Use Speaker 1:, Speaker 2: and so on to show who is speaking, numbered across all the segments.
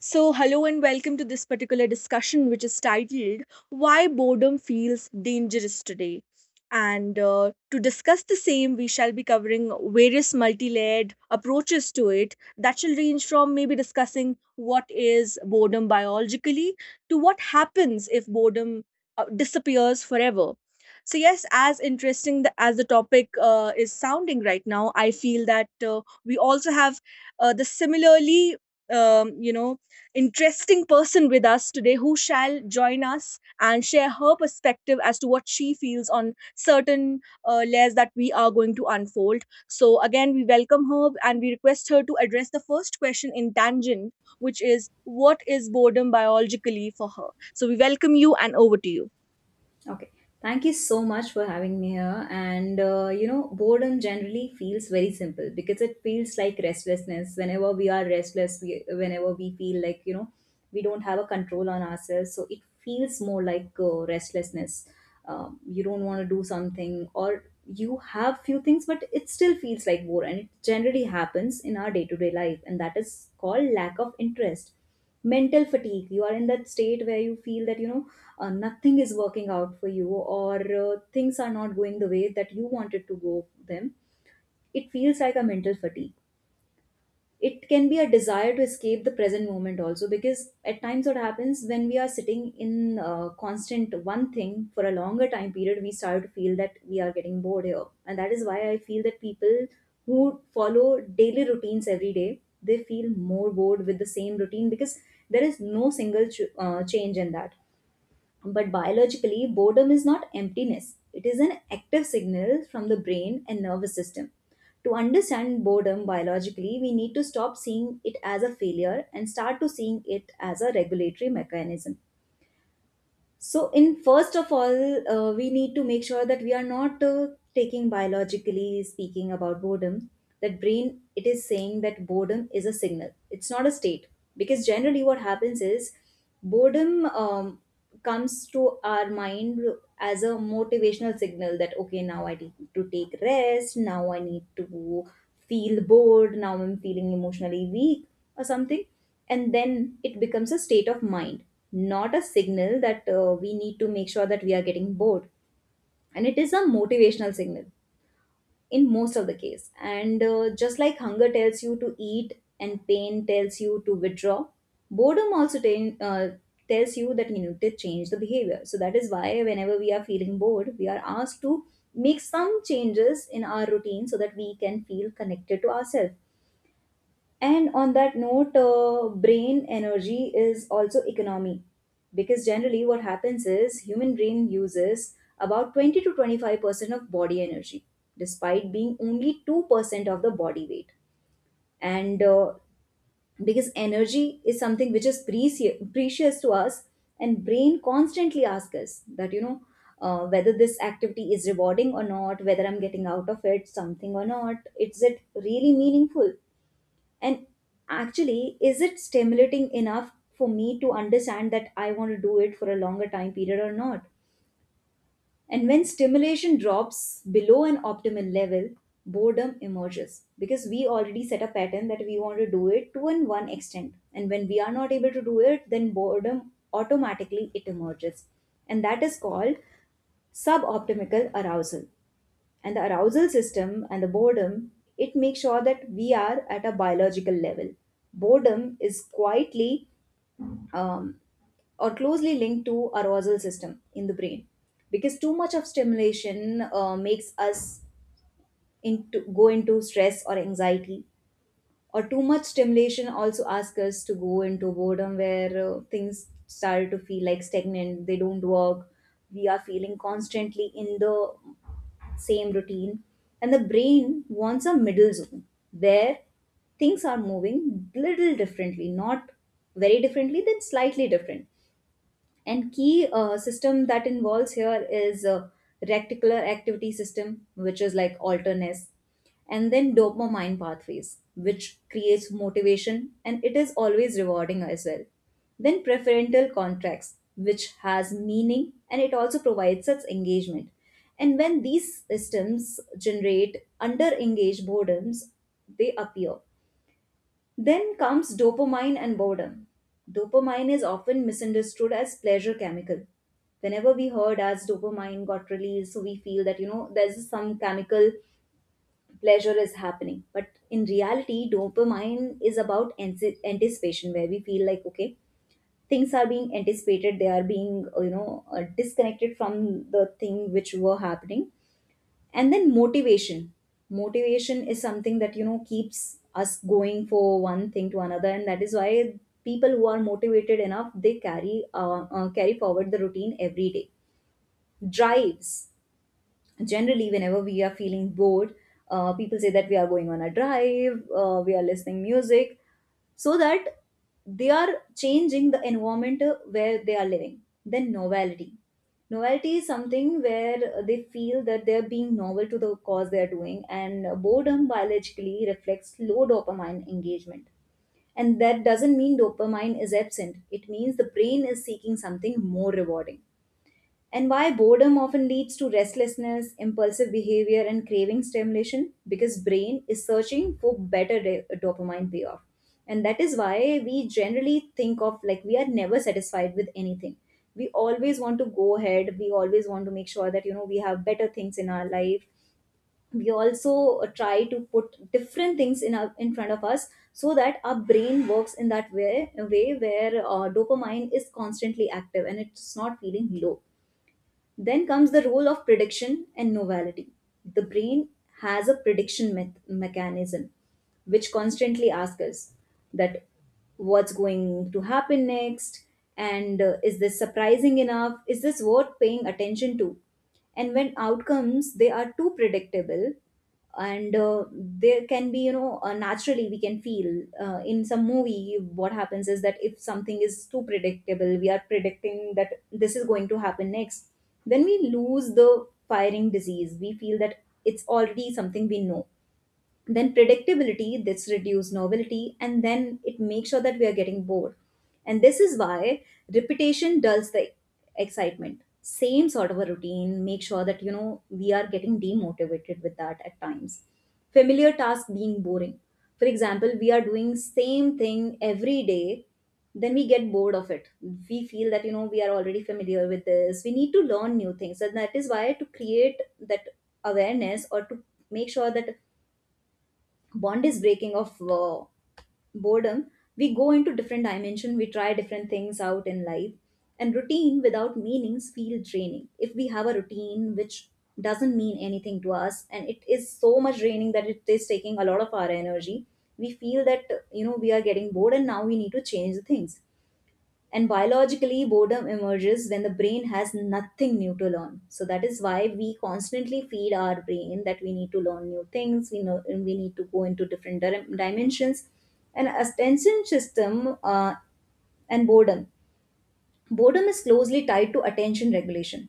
Speaker 1: So, hello and welcome to this particular discussion, which is titled Why Boredom Feels Dangerous Today. And To discuss the same, we shall be covering various multi layered approaches to it that shall range from maybe discussing what is boredom biologically to what happens if boredom disappears forever. So, yes, as interesting as the topic is sounding right now, I feel that we also have the similarly, you know, interesting person with us today who shall join us and share her perspective as to what she feels on certain layers that we are going to unfold. So, again, we welcome her and we request her to address the first question in tangent, which is what is boredom biologically for her? So, we welcome you and over to you.
Speaker 2: Okay. Thank you so much for having me here. And boredom generally feels very simple because it feels like restlessness. Whenever we are restless, whenever we feel like, we don't have a control on ourselves. So it feels more like restlessness. You don't want to do something or you have few things, but it still feels like bore. And it generally happens in our day to day life. And that is called lack of interest. Mental fatigue. You are in that state where you feel that, nothing is working out for you or things are not going the way that you wanted to go them, it feels like a mental fatigue. It can be a desire to escape the present moment also, because at times what happens when we are sitting in constant one thing for a longer time period, we start to feel that we are getting bored here. And that is why I feel that people who follow daily routines every day, they feel more bored with the same routine because there is no single change in that. But biologically, boredom is not emptiness, it is an active signal from the brain and nervous system. To understand boredom biologically, we need to stop seeing it as a failure and start to seeing it as a regulatory mechanism. So, in first of all, we need to make sure that we are not taking biologically speaking about boredom. That brain, it is saying that boredom is a signal. It's not a state, because generally what happens is boredom comes to our mind as a motivational signal that okay, now I need to take rest. Now I need to feel bored. Now I'm feeling emotionally weak or something, and then it becomes a state of mind, not a signal that we need to make sure that we are getting bored. And it is a motivational signal in most of the case. And just like hunger tells you to eat and pain tells you to withdraw, boredom also tells you that you need to change the behavior. So that is why whenever we are feeling bored, we are asked to make some changes in our routine so that we can feel connected to ourselves. And on that note, brain energy is also economy, because generally what happens is human brain uses about 20 to 25% of body energy despite being only 2% of the body weight. And because energy is something which is precious to us, and brain constantly asks us that, whether this activity is rewarding or not, whether I'm getting out of it something or not, is it really meaningful? And actually, is it stimulating enough for me to understand that I want to do it for a longer time period or not? And when stimulation drops below an optimal level, boredom emerges because we already set a pattern that we want to do it to an one extent. And when we are not able to do it, then boredom automatically it emerges. And that is called suboptimal arousal. And the arousal system and the boredom, it makes sure that we are at a biological level. Boredom is quietly, um, or closely linked to arousal system in the brain, because too much of stimulation makes us into go into stress or anxiety, or too much stimulation also asks us to go into boredom where things start to feel like stagnant, they don't work. We are feeling constantly in the exact same routine, and the brain wants a middle zone where things are moving little differently, not very differently, then slightly different. And key system that involves here is reticular activity system, which is like alterness, and then dopamine pathways, which creates motivation and it is always rewarding as well. Then preferential contracts, which has meaning and it also provides such engagement. And when these systems generate under engaged boredoms, they appear. Then comes dopamine and boredom. Dopamine is often misunderstood as pleasure chemical. Whenever we heard as dopamine got released, so we feel that you know there's some chemical pleasure is happening. But in reality, dopamine is about anticipation, where we feel like okay, things are being anticipated, they are being disconnected from the thing which were happening, and then motivation is something that you know keeps us going for one thing to another. And that is why people who are motivated enough, they carry forward the routine every day. Drives, generally whenever we are feeling bored, people say that we are going on a drive, we are listening music, so that they are changing the environment where they are living. Then novelty is something where they feel that they're being novel to the cause they're doing, and boredom biologically reflects low dopamine engagement. And that doesn't mean dopamine is absent, it means the brain is seeking something more rewarding. And why boredom often leads to restlessness, impulsive behavior, and craving stimulation? Because brain is searching for better dopamine payoff. And that is why we generally think of like we are never satisfied with anything. We always want to go ahead. We always want to make sure that, you know, we have better things in our life. We also try to put different things in, our, in front of us so that our brain works in that way where dopamine is constantly active and it's not feeling low. Then comes the role of prediction and novelty. The brain has a prediction mechanism which constantly ask us that what's going to happen next, and is this surprising enough, is this worth paying attention to. And when outcomes they are too predictable, and there can be naturally we can feel in some movie what happens is that if something is too predictable, we are predicting that this is going to happen next, then we lose the firing disease, we feel that it's already something we know. Then predictability this reduces novelty, and then it makes sure that we are getting bored. And this is why repetition dulls the excitement, same sort of a routine make sure that you know we are getting demotivated with that at times. Familiar task being boring, for example, we are doing same thing every day, then we get bored of it. We feel that you know we are already familiar with this, we need to learn new things. And that is why to create that awareness, or to make sure that bond is breaking of boredom, we go into different dimension, we try different things out in life. And routine without meanings feel draining. If we have a routine which doesn't mean anything to us, and it is so much draining that it is taking a lot of our energy, we feel that you know we are getting bored and now we need to change the things. And biologically, boredom emerges when the brain has nothing new to learn. So that is why we constantly feed our brain that we need to learn new things. We know, and we need to go into different dimensions. And attention system and boredom. Boredom is closely tied to attention regulation.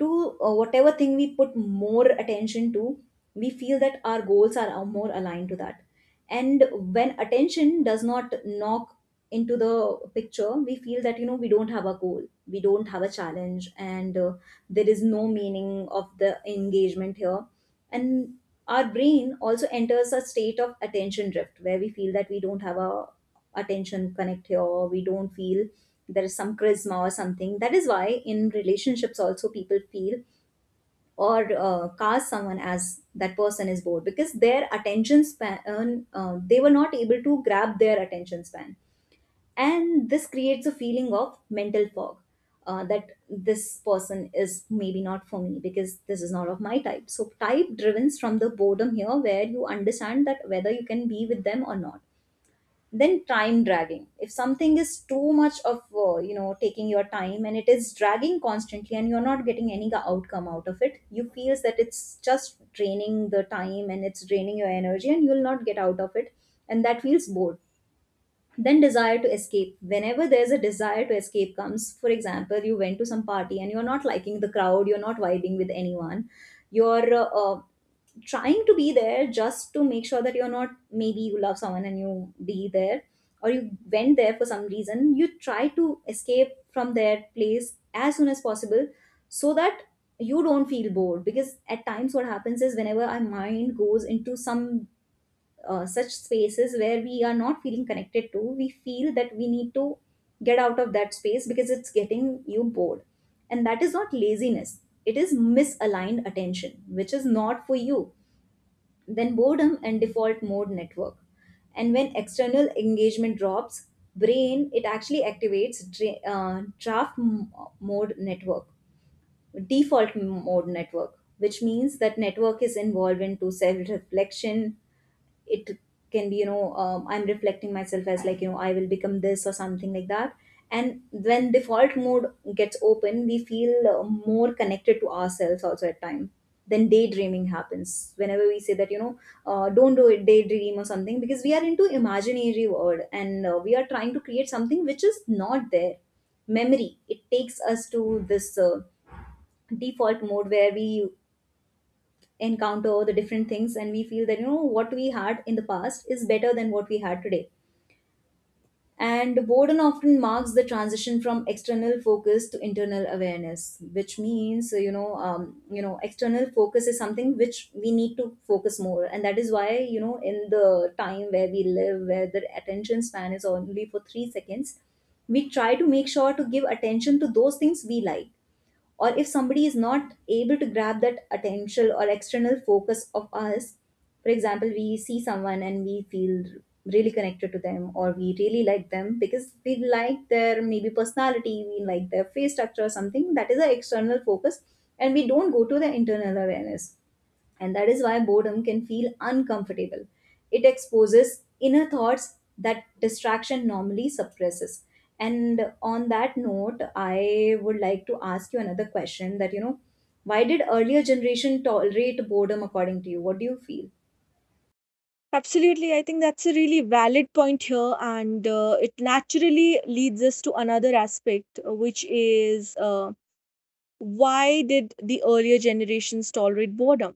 Speaker 2: To whatever thing we put more attention to, we feel that our goals are more aligned to that. And when attention does not knock into the picture, we feel that we don't have a goal, we don't have a challenge, and there is no meaning of the engagement here and our brain also enters a state of attention drift where we feel that we don't have a attention connect here, or we don't feel there is some charisma or something. That is why in relationships also people feel or cast someone as that person is bored because their attention span, they were not able to grab their attention span and this creates a feeling of mental fog, that this person is maybe not for me because this is not of my type. So type driven from the boredom here, where you understand that whether you can be with them or not. Then time dragging, if something is too much of taking your time and it is dragging constantly and you're not getting any outcome out of it, you feel that it's just draining the time and it's draining your energy and you'll not get out of it, and that feels bored. Then desire to escape, whenever there's a desire to escape comes. For example, you went to some party and you're not liking the crowd, you're not vibing with anyone, you're trying to be there just to make sure that you're not, maybe you love someone and you be there, or you went there for some reason, you try to escape from their place as soon as possible, so that you don't feel bored. Because at times what happens is whenever our mind goes into some such spaces where we are not feeling connected to, we feel that we need to get out of that space because it's getting you bored. And that is not laziness, it is misaligned attention, which is not for you. Then boredom and default mode network. And when external engagement drops, brain it actually activates mode network, default mode network, which means that network is involved into self reflection. It can be, I'm reflecting myself as like, you know, I will become this or something like that. And when default mode gets open, we feel more connected to ourselves also at time. Then daydreaming happens whenever we say that, you know, don't do it daydream or something, because we are into imaginary world and we are trying to create something which is not there. Memory, it takes us to this default mode where we encounter the different things, and we feel that, you know, what we had in the past is better than what we had today. And boredom often marks the transition from external focus to internal awareness, which means, external focus is something which we need to focus more, and that is why, you know, in the time where we live, where the attention span is only for 3 seconds, we try to make sure to give attention to those things we like. Or if somebody is not able to grab that attentional or external focus of us, for example, we see someone and we feel really connected to them, or we really like them because we like their maybe personality, we like their face structure or something. That is an external focus and we don't go to the internal awareness, and that is why boredom can feel uncomfortable. It exposes inner thoughts that distraction normally suppresses. And on that note, I would like to ask you another question, that, you know, why did earlier generation tolerate boredom according to you? What do you feel?
Speaker 1: Absolutely. I think that's a really valid point here. And it naturally leads us to another aspect, which is. Why did the earlier generations tolerate boredom?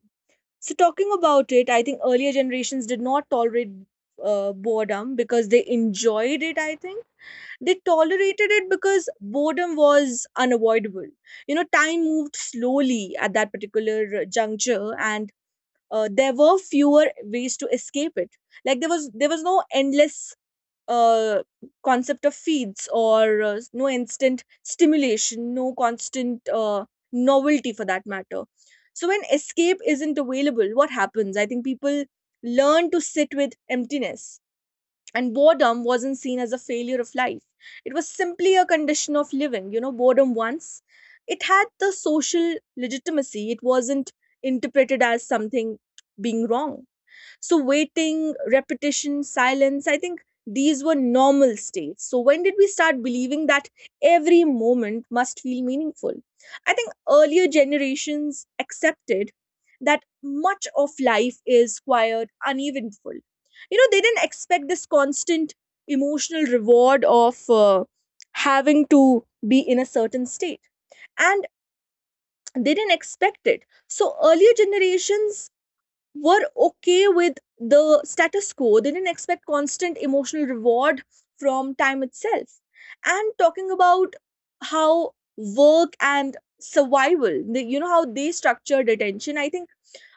Speaker 1: So talking about it, I think earlier generations did not tolerate boredom because they enjoyed it. I think they tolerated it because boredom was unavoidable. You know, time moved slowly at that particular juncture, and there were fewer ways to escape it. Like there was no endless uh, concept of feeds, or no instant stimulation, no constant novelty for that matter. So when escape isn't available, what happens? I think people learn to sit with emptiness. And boredom wasn't seen as a failure of life. It was simply a condition of living. You know, boredom once, it had the social legitimacy. It wasn't interpreted as something being wrong. So, waiting, repetition, silence, I think these were normal states. So, when did we start believing that every moment must feel meaningful? I think earlier generations accepted that much of life is quiet, uneventful. You know, they didn't expect this constant emotional reward of having to be in a certain state, and they didn't expect it. So earlier generations were okay with the status quo. They didn't expect constant emotional reward from time itself. And talking about how work and survival, the, you know, how they structured attention, I think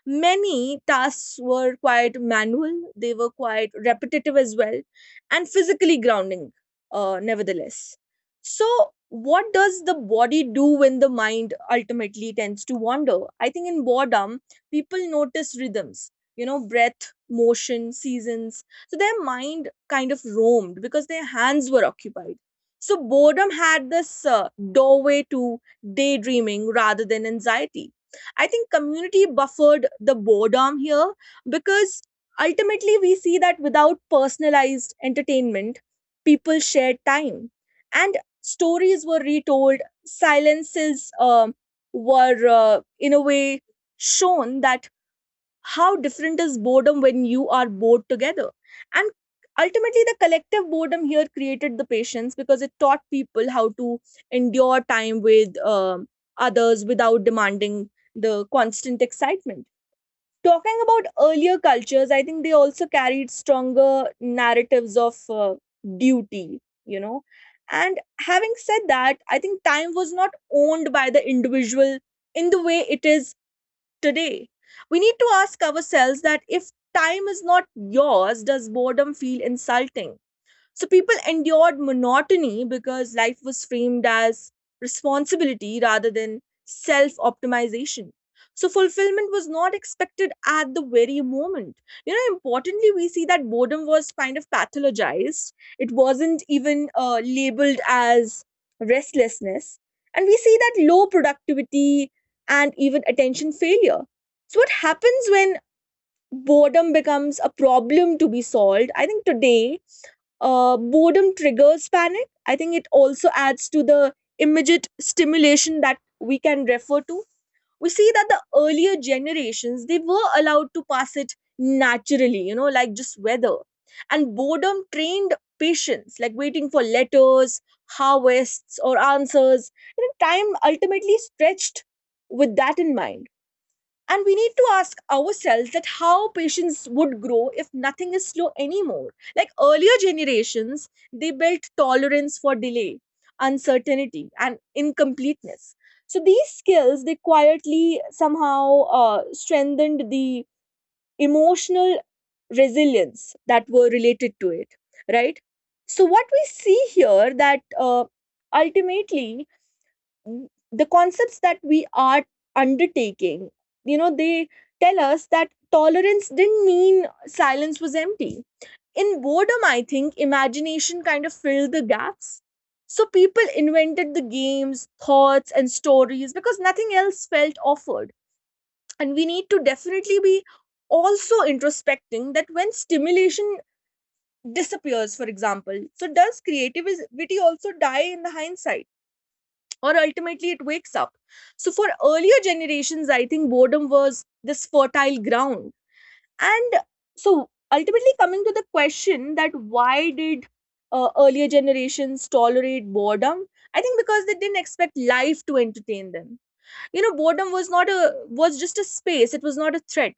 Speaker 1: many tasks were quite manual, they were quite repetitive as well, and physically grounding, nevertheless. So, what does the body do when the mind ultimately tends to wander? I think in boredom, people notice rhythms, you know, breath, motion, seasons. So, their mind kind of roamed because their hands were occupied. So, boredom had this doorway to daydreaming rather than anxiety. I think community buffered the boredom here, because ultimately we see that without personalized entertainment, people shared time, and stories were retold, silences were in a way shown that how different is boredom when you are bored together. And ultimately the collective boredom here created the patience, because it taught people how to endure time with others without demanding the constant excitement. Talking about earlier cultures, I think they also carried stronger narratives of duty, you know, and having said that, I think time was not owned by the individual in the way it is today. We need to ask ourselves that if time is not yours, does boredom feel insulting? So people endured monotony because life was framed as responsibility rather than self optimization. So fulfillment was not expected at the very moment. You know, importantly, we see that boredom was kind of pathologized. It wasn't even labeled as restlessness. And we see that low productivity and even attention failure. So, what happens when boredom becomes a problem to be solved? I think today boredom triggers panic. I think it also adds to the immediate stimulation that we can refer to. We see that the earlier generations they were allowed to pass it naturally, you know, like just weather. And boredom trained patience, like waiting for letters, harvests, or answers. You know, time ultimately stretched with that in mind, and we need to ask ourselves that how patients would grow if nothing is slow anymore. Like earlier generations, they built tolerance for delay, uncertainty, and incompleteness. So these skills they quietly somehow strengthened the emotional resilience that were related to it, right? So what we see here that ultimately the concepts that we are undertaking, you know, they tell us that tolerance didn't mean silence was empty. In boredom, I think imagination kind of filled the gaps. So people invented the games, thoughts and stories because nothing else felt offered. And we need to definitely be also introspecting that when stimulation disappears, for example, so does creativity also die in the hindsight, or ultimately it wakes up. So for earlier generations, I think boredom was this fertile ground. And so ultimately coming to the question that why did earlier generations tolerate boredom? I think because they didn't expect life to entertain them. You know, boredom was not a was just a space, it was not a threat.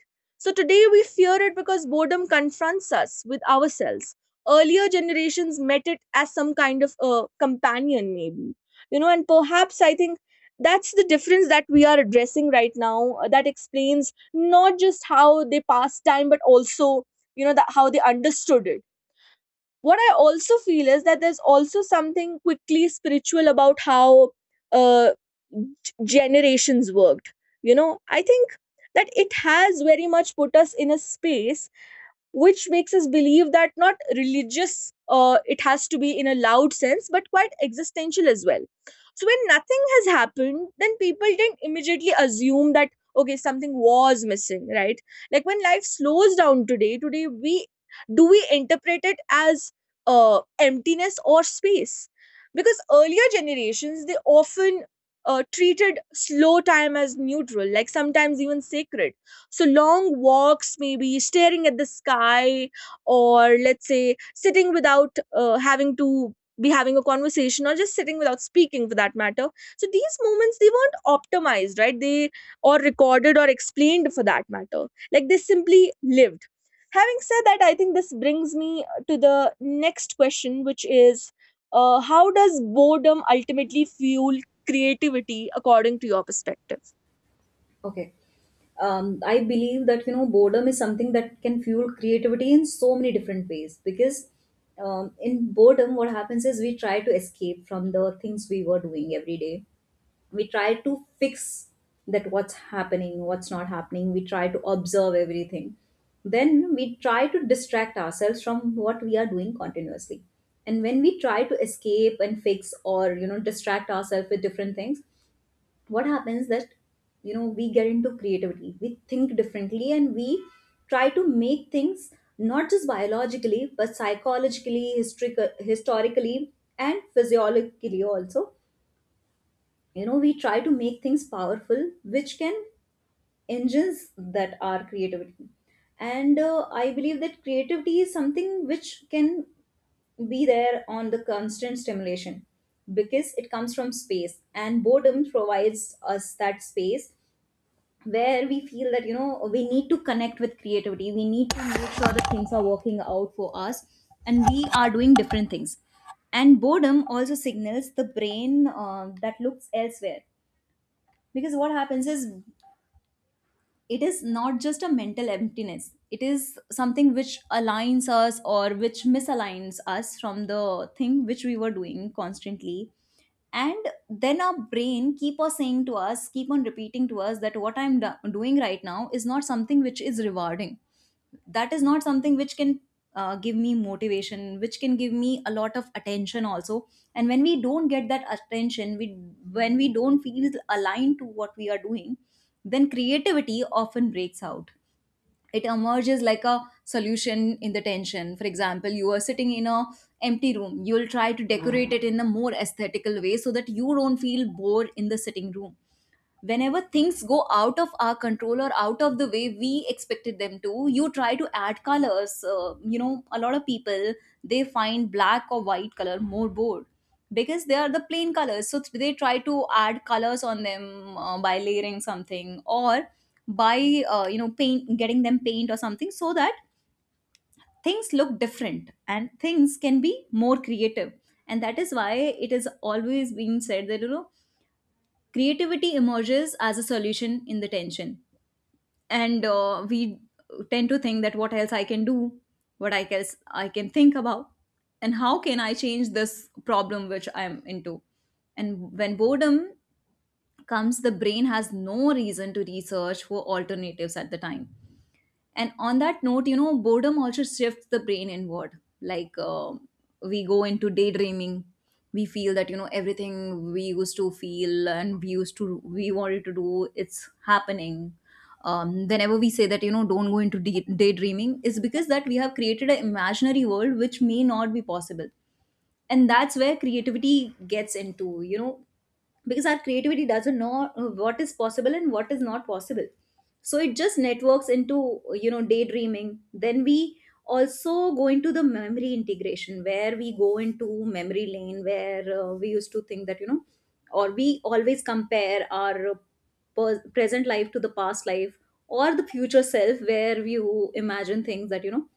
Speaker 1: So today we fear it because boredom confronts us with ourselves. Earlier generations met it as some kind of a companion, maybe, you know, and perhaps I think that's the difference that we are addressing right now, that explains not just how they passed time but also, you know, that how they understood it. What I also feel is that there's also something quickly spiritual about how uh, generations worked, you know. I think that it has very much put us in a space which makes us believe that not religious, it has to be in a loud sense, but quite existential as well. So when nothing has happened, then people didn't immediately assume that okay, something was missing, right? Like when life slows down today, we, do we interpret it as emptiness or space? Because earlier generations they often treated slow time as neutral, like sometimes even sacred. So long walks, maybe staring at the sky, or let's say sitting without having to be having a conversation, or just sitting without speaking for that matter. So these moments they weren't optimized, right, they or recorded or explained for that matter, like they simply lived. Having said that, I think this brings me to the next question, which is how does boredom ultimately fuel creativity according to your perspective?
Speaker 2: Okay. I believe that, you know, boredom is something that can fuel creativity in so many different ways, because in boredom, what happens is, we try to escape from the things we were doing every day, we try to fix that, what's happening, what's not happening, we try to observe everything. Then we try to distract ourselves from what we are doing continuously. And when we try to escape and fix, or, you know, distract ourselves with different things, what happens, that, you know, we get into creativity, we think differently, and we try to make things not just biologically but psychologically, historically and physiologically also, you know. We try to make things powerful which can engines that are creativity. And I believe that creativity is something which can be there on the constant stimulation, because it comes from space and boredom provides us that space, where we feel that, you know, we need to connect with creativity, we need to make sure that things are working out for us and we are doing different things. And boredom also signals the brain, that looks elsewhere. Because what happens is, it is not just a mental emptiness, it is something which aligns us or which misaligns us from the thing which we were doing constantly. And then our brain keep on saying to us, keep on repeating to us, that what I'm doing right now is not something which is rewarding, that is not something which can give me motivation, which can give me a lot of attention also. And when we don't get that attention, we, when we don't feel aligned to what we are doing, then creativity often breaks out. It emerges like a solution in the tension. For example, you are sitting in a empty room, you will try to decorate it in a more aesthetical way so that you don't feel bored in the sitting room. Whenever things go out of our control or out of the way we expected them to, you try to add colors, you know, a lot of people, they find black or white color more bored because they are the plain colors, so they try to add colors on them by layering something, or by you know, paint getting them paint or something, so that things look different and things can be more creative. And that is why it is always being said that, you know, creativity emerges as a solution in the tension. And we tend to think that what else I can do, what I guess I can think about, and how can I change this problem which I'm into. And when boredom comes, the brain has no reason to research for alternatives at the time. And on that note, you know, boredom also shifts the brain inward. Like, we go into daydreaming. We feel that, you know, everything we used to feel and we used to, we wanted to do, it's happening. Whenever we say that, you know, don't go into daydreaming, is because that we have created an imaginary world which may not be possible, and that's where creativity gets into, you know, because our creativity doesn't know what is possible and what is not possible. So it just networks into, you know, daydreaming. Then we also go into the memory integration, where we go into memory lane, where we used to think that, you know, or we always compare our present life to the past life, or the future self, where you imagine things that, you know,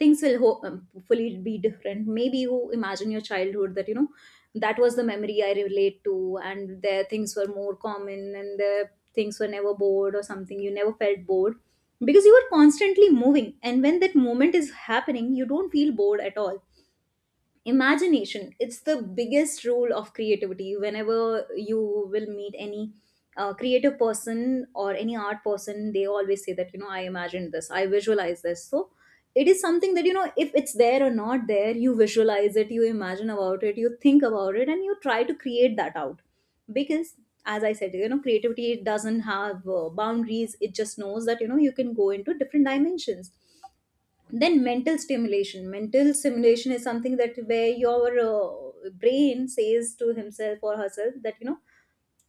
Speaker 2: things will hopefully be different. Maybe you imagine your childhood that, you know, that was the memory I relate to, and there things were more common and the things were never bored or something, you never felt bored because you were constantly moving, and when that moment is happening you don't feel bored at all. Imagination, it's the biggest rule of creativity. Whenever you will meet any creative person or any art person, they always say that, you know, I imagined this, I visualize this. So it is something that, you know, if it's there or not there, you visualize it, you imagine about it, you think about it, and you try to create that out. Because, as I said, you know, creativity doesn't have boundaries, it just knows that, you know, you can go into different dimensions. Then mental stimulation. Mental stimulation is something that, where your brain says to himself or herself that, you know,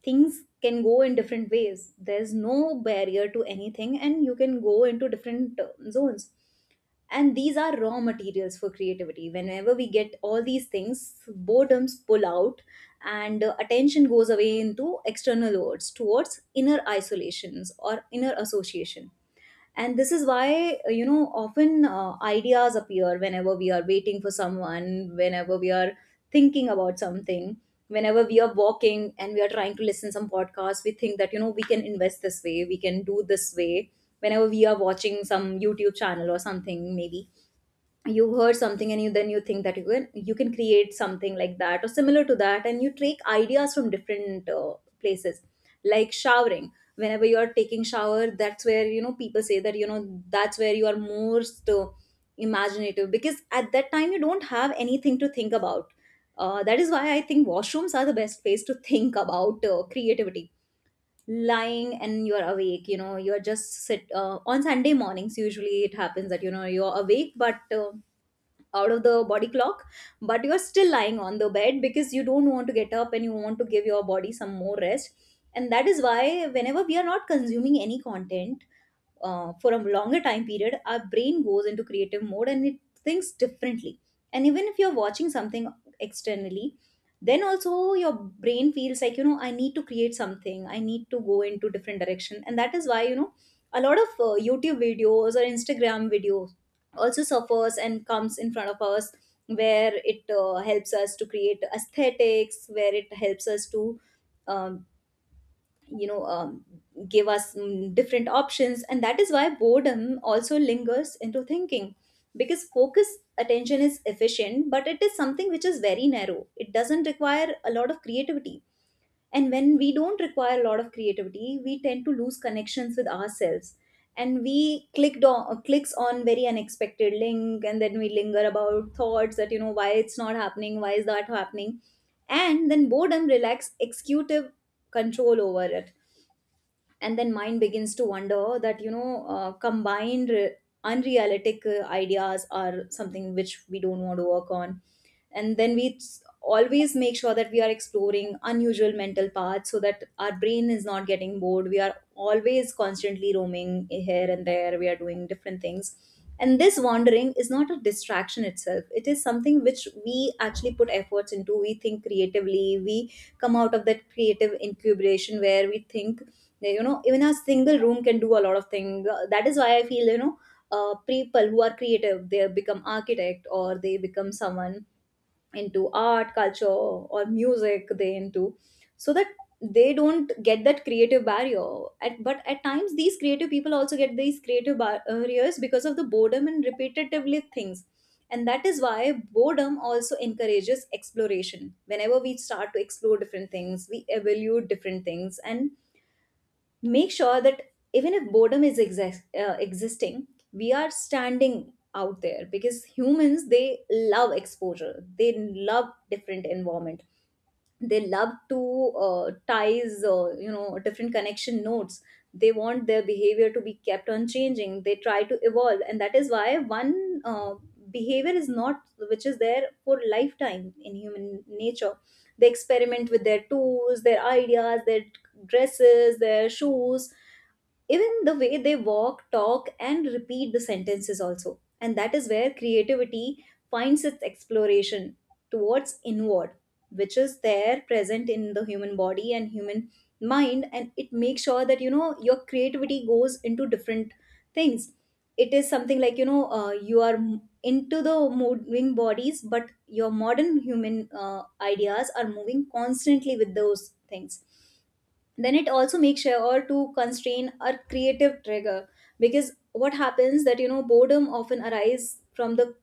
Speaker 2: things can go in different ways, there's no barrier to anything, and you can go into different zones. And these are raw materials for creativity. Whenever we get all these things, boredoms pull out, and attention goes away into external words towards inner isolations or inner association. And this is why, you know, often ideas appear whenever we are waiting for someone, whenever we are thinking about something, whenever we are walking and we are trying to listen some podcast, we think that, you know, we can invest this way, we can do this way. Whenever we are watching some youtube channel or something, maybe you heard something and you then you think that you can, you can create something like that or similar to that, and you take ideas from different places. Like showering, whenever you are taking shower, that's where, you know, people say that, you know, that's where you are most imaginative, because at that time you don't have anything to think about. That is why I think washrooms are the best place to think about creativity. Lying and you're awake, you know, you're just sit on sunday mornings, usually it happens that, you know, you're awake but out of the body clock, but you're still lying on the bed because you don't want to get up and you want to give your body some more rest. And that is why whenever we are not consuming any content for a longer time period, our brain goes into creative mode and it thinks differently. And even if you're watching something externally, then also your brain feels like, you know, I need to create something, I need to go into different direction. And that is why, you know, a lot of YouTube videos or Instagram videos also suffers and comes in front of us, where it helps us to create aesthetics, where it helps us to um, you know um, give us different options. And that is why boredom also lingers into thinking, because focus attention is efficient, but it is something which is very narrow. It doesn't require a lot of creativity, and when we don't require a lot of creativity, we tend to lose connections with ourselves. And we clicked on clicks on very unexpected link, and then we linger about thoughts that, you know, why it's not happening, why is that happening. And then boredom lacks executive control over it, and then mind begins to wonder that, you know, unrealistic ideas are something which we don't want to work on. And then we always make sure that we are exploring unusual mental paths, so that our brain is not getting bored. We are always constantly roaming here and there, we are doing different things, and this wandering is not a distraction itself. It is something which we actually put efforts into. We think creatively. We come out of that creative incubation where we think, you know, even a single room can do a lot of things. That is why I feel, you know, people who are creative, they become architect, or they become someone into art, culture, or music they into, so that they don't get that creative barrier. But at times, these creative people also get these creative barriers because of the boredom and repetitively things. And that is why boredom also encourages exploration. Whenever we start to explore different things, we evaluate different things, and make sure that even if boredom is existing, we are standing out there, because humans, they love exposure, they love different environment, they love to ties different connection nodes. They want their behavior to be kept on changing, they try to evolve, and that is why one behavior is not which is there for lifetime in human nature. They experiment with their tools, their ideas, their dresses, their shoes, even the way they walk, talk, and repeat the sentences also. And that is where creativity finds its exploration towards inward, which is there present in the human body and human mind. And it makes sure that, you know, your creativity goes into different things. It is something like, you know, you are into the moving bodies, but your modern human ideas are moving constantly with those things. Then it also makes sure to constrain our creative trigger, because what happens that, you know, boredom often arises from the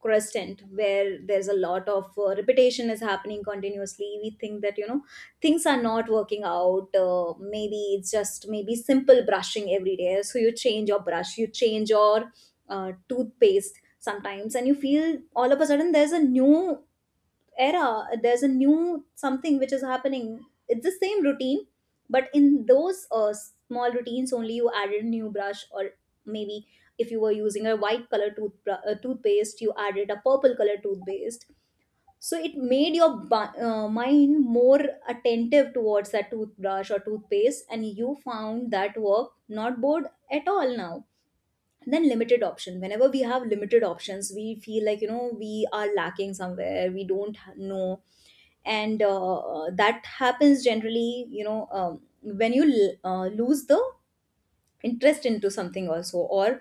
Speaker 2: crescent, where there's a lot of repetition is happening continuously. We think that, you know, things are not working out. Maybe it's just, maybe simple brushing every day, so you change your brush, you change your toothpaste sometimes, and you feel all of a sudden there's a new era, there's a new something which is happening. It's the same routine, but in those small routines only, you added a new brush, or maybe if you were using a white color toothpaste, you added a purple color toothpaste. So it made your mind more attentive towards that toothbrush or toothpaste, and you found that work not bored at all now. Then limited option, whenever we have limited options, we feel like, you know, we are lacking somewhere, we don't know. And that happens generally, you know, when you lose the interest into something also, or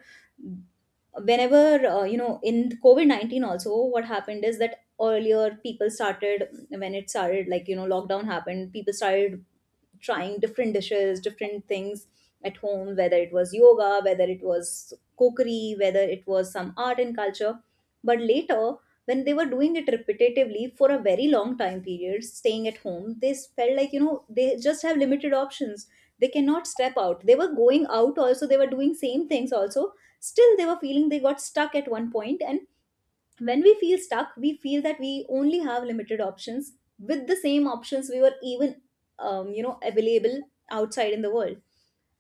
Speaker 2: whenever you know, in COVID-19 also, what happened is that earlier people started, when it started, like, you know, lockdown happened, people started trying different dishes, different things at home, whether it was yoga, whether it was cookery, whether it was some art and culture. But later, when they were doing it repetitively for a very long time period, staying at home, they felt like, you know, they just have limited options, they cannot step out, they were going out also, they were doing same things also, still they were feeling they got stuck at one point. And when we feel stuck, we feel that we only have limited options, with the same options we were even available outside in the world,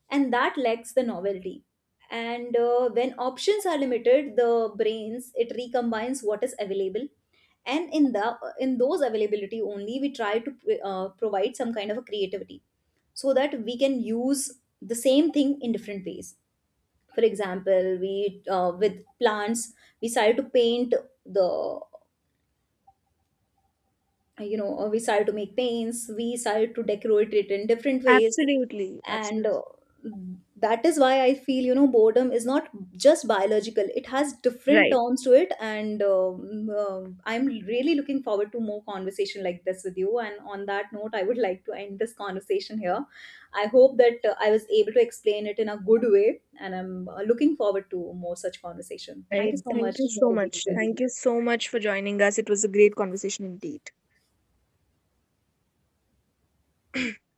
Speaker 2: and that lacks the novelty. And when options are limited, the brains, it recombines what is available. And in those availability only, we try to provide some kind of a creativity, so that we can use the same thing in different ways. For example, we with plants, we started to paint, the you know we started to make paints, we started to decorate it in different ways.
Speaker 1: Absolutely,
Speaker 2: And
Speaker 1: absolutely.
Speaker 2: that is why I feel, you know, boredom is not just biological, it has different
Speaker 1: Right.
Speaker 2: terms to it. And I'm really looking forward to more conversation like this with you. And on that note, I would like to end this conversation here. I hope that I was able to explain it in a good way, and I'm looking forward to more such conversation. Thank
Speaker 1: Right.
Speaker 2: you so
Speaker 1: Thank you
Speaker 2: much
Speaker 1: so
Speaker 2: for being
Speaker 1: much. Thank
Speaker 2: there.
Speaker 1: you so much for joining us. It was a great conversation indeed.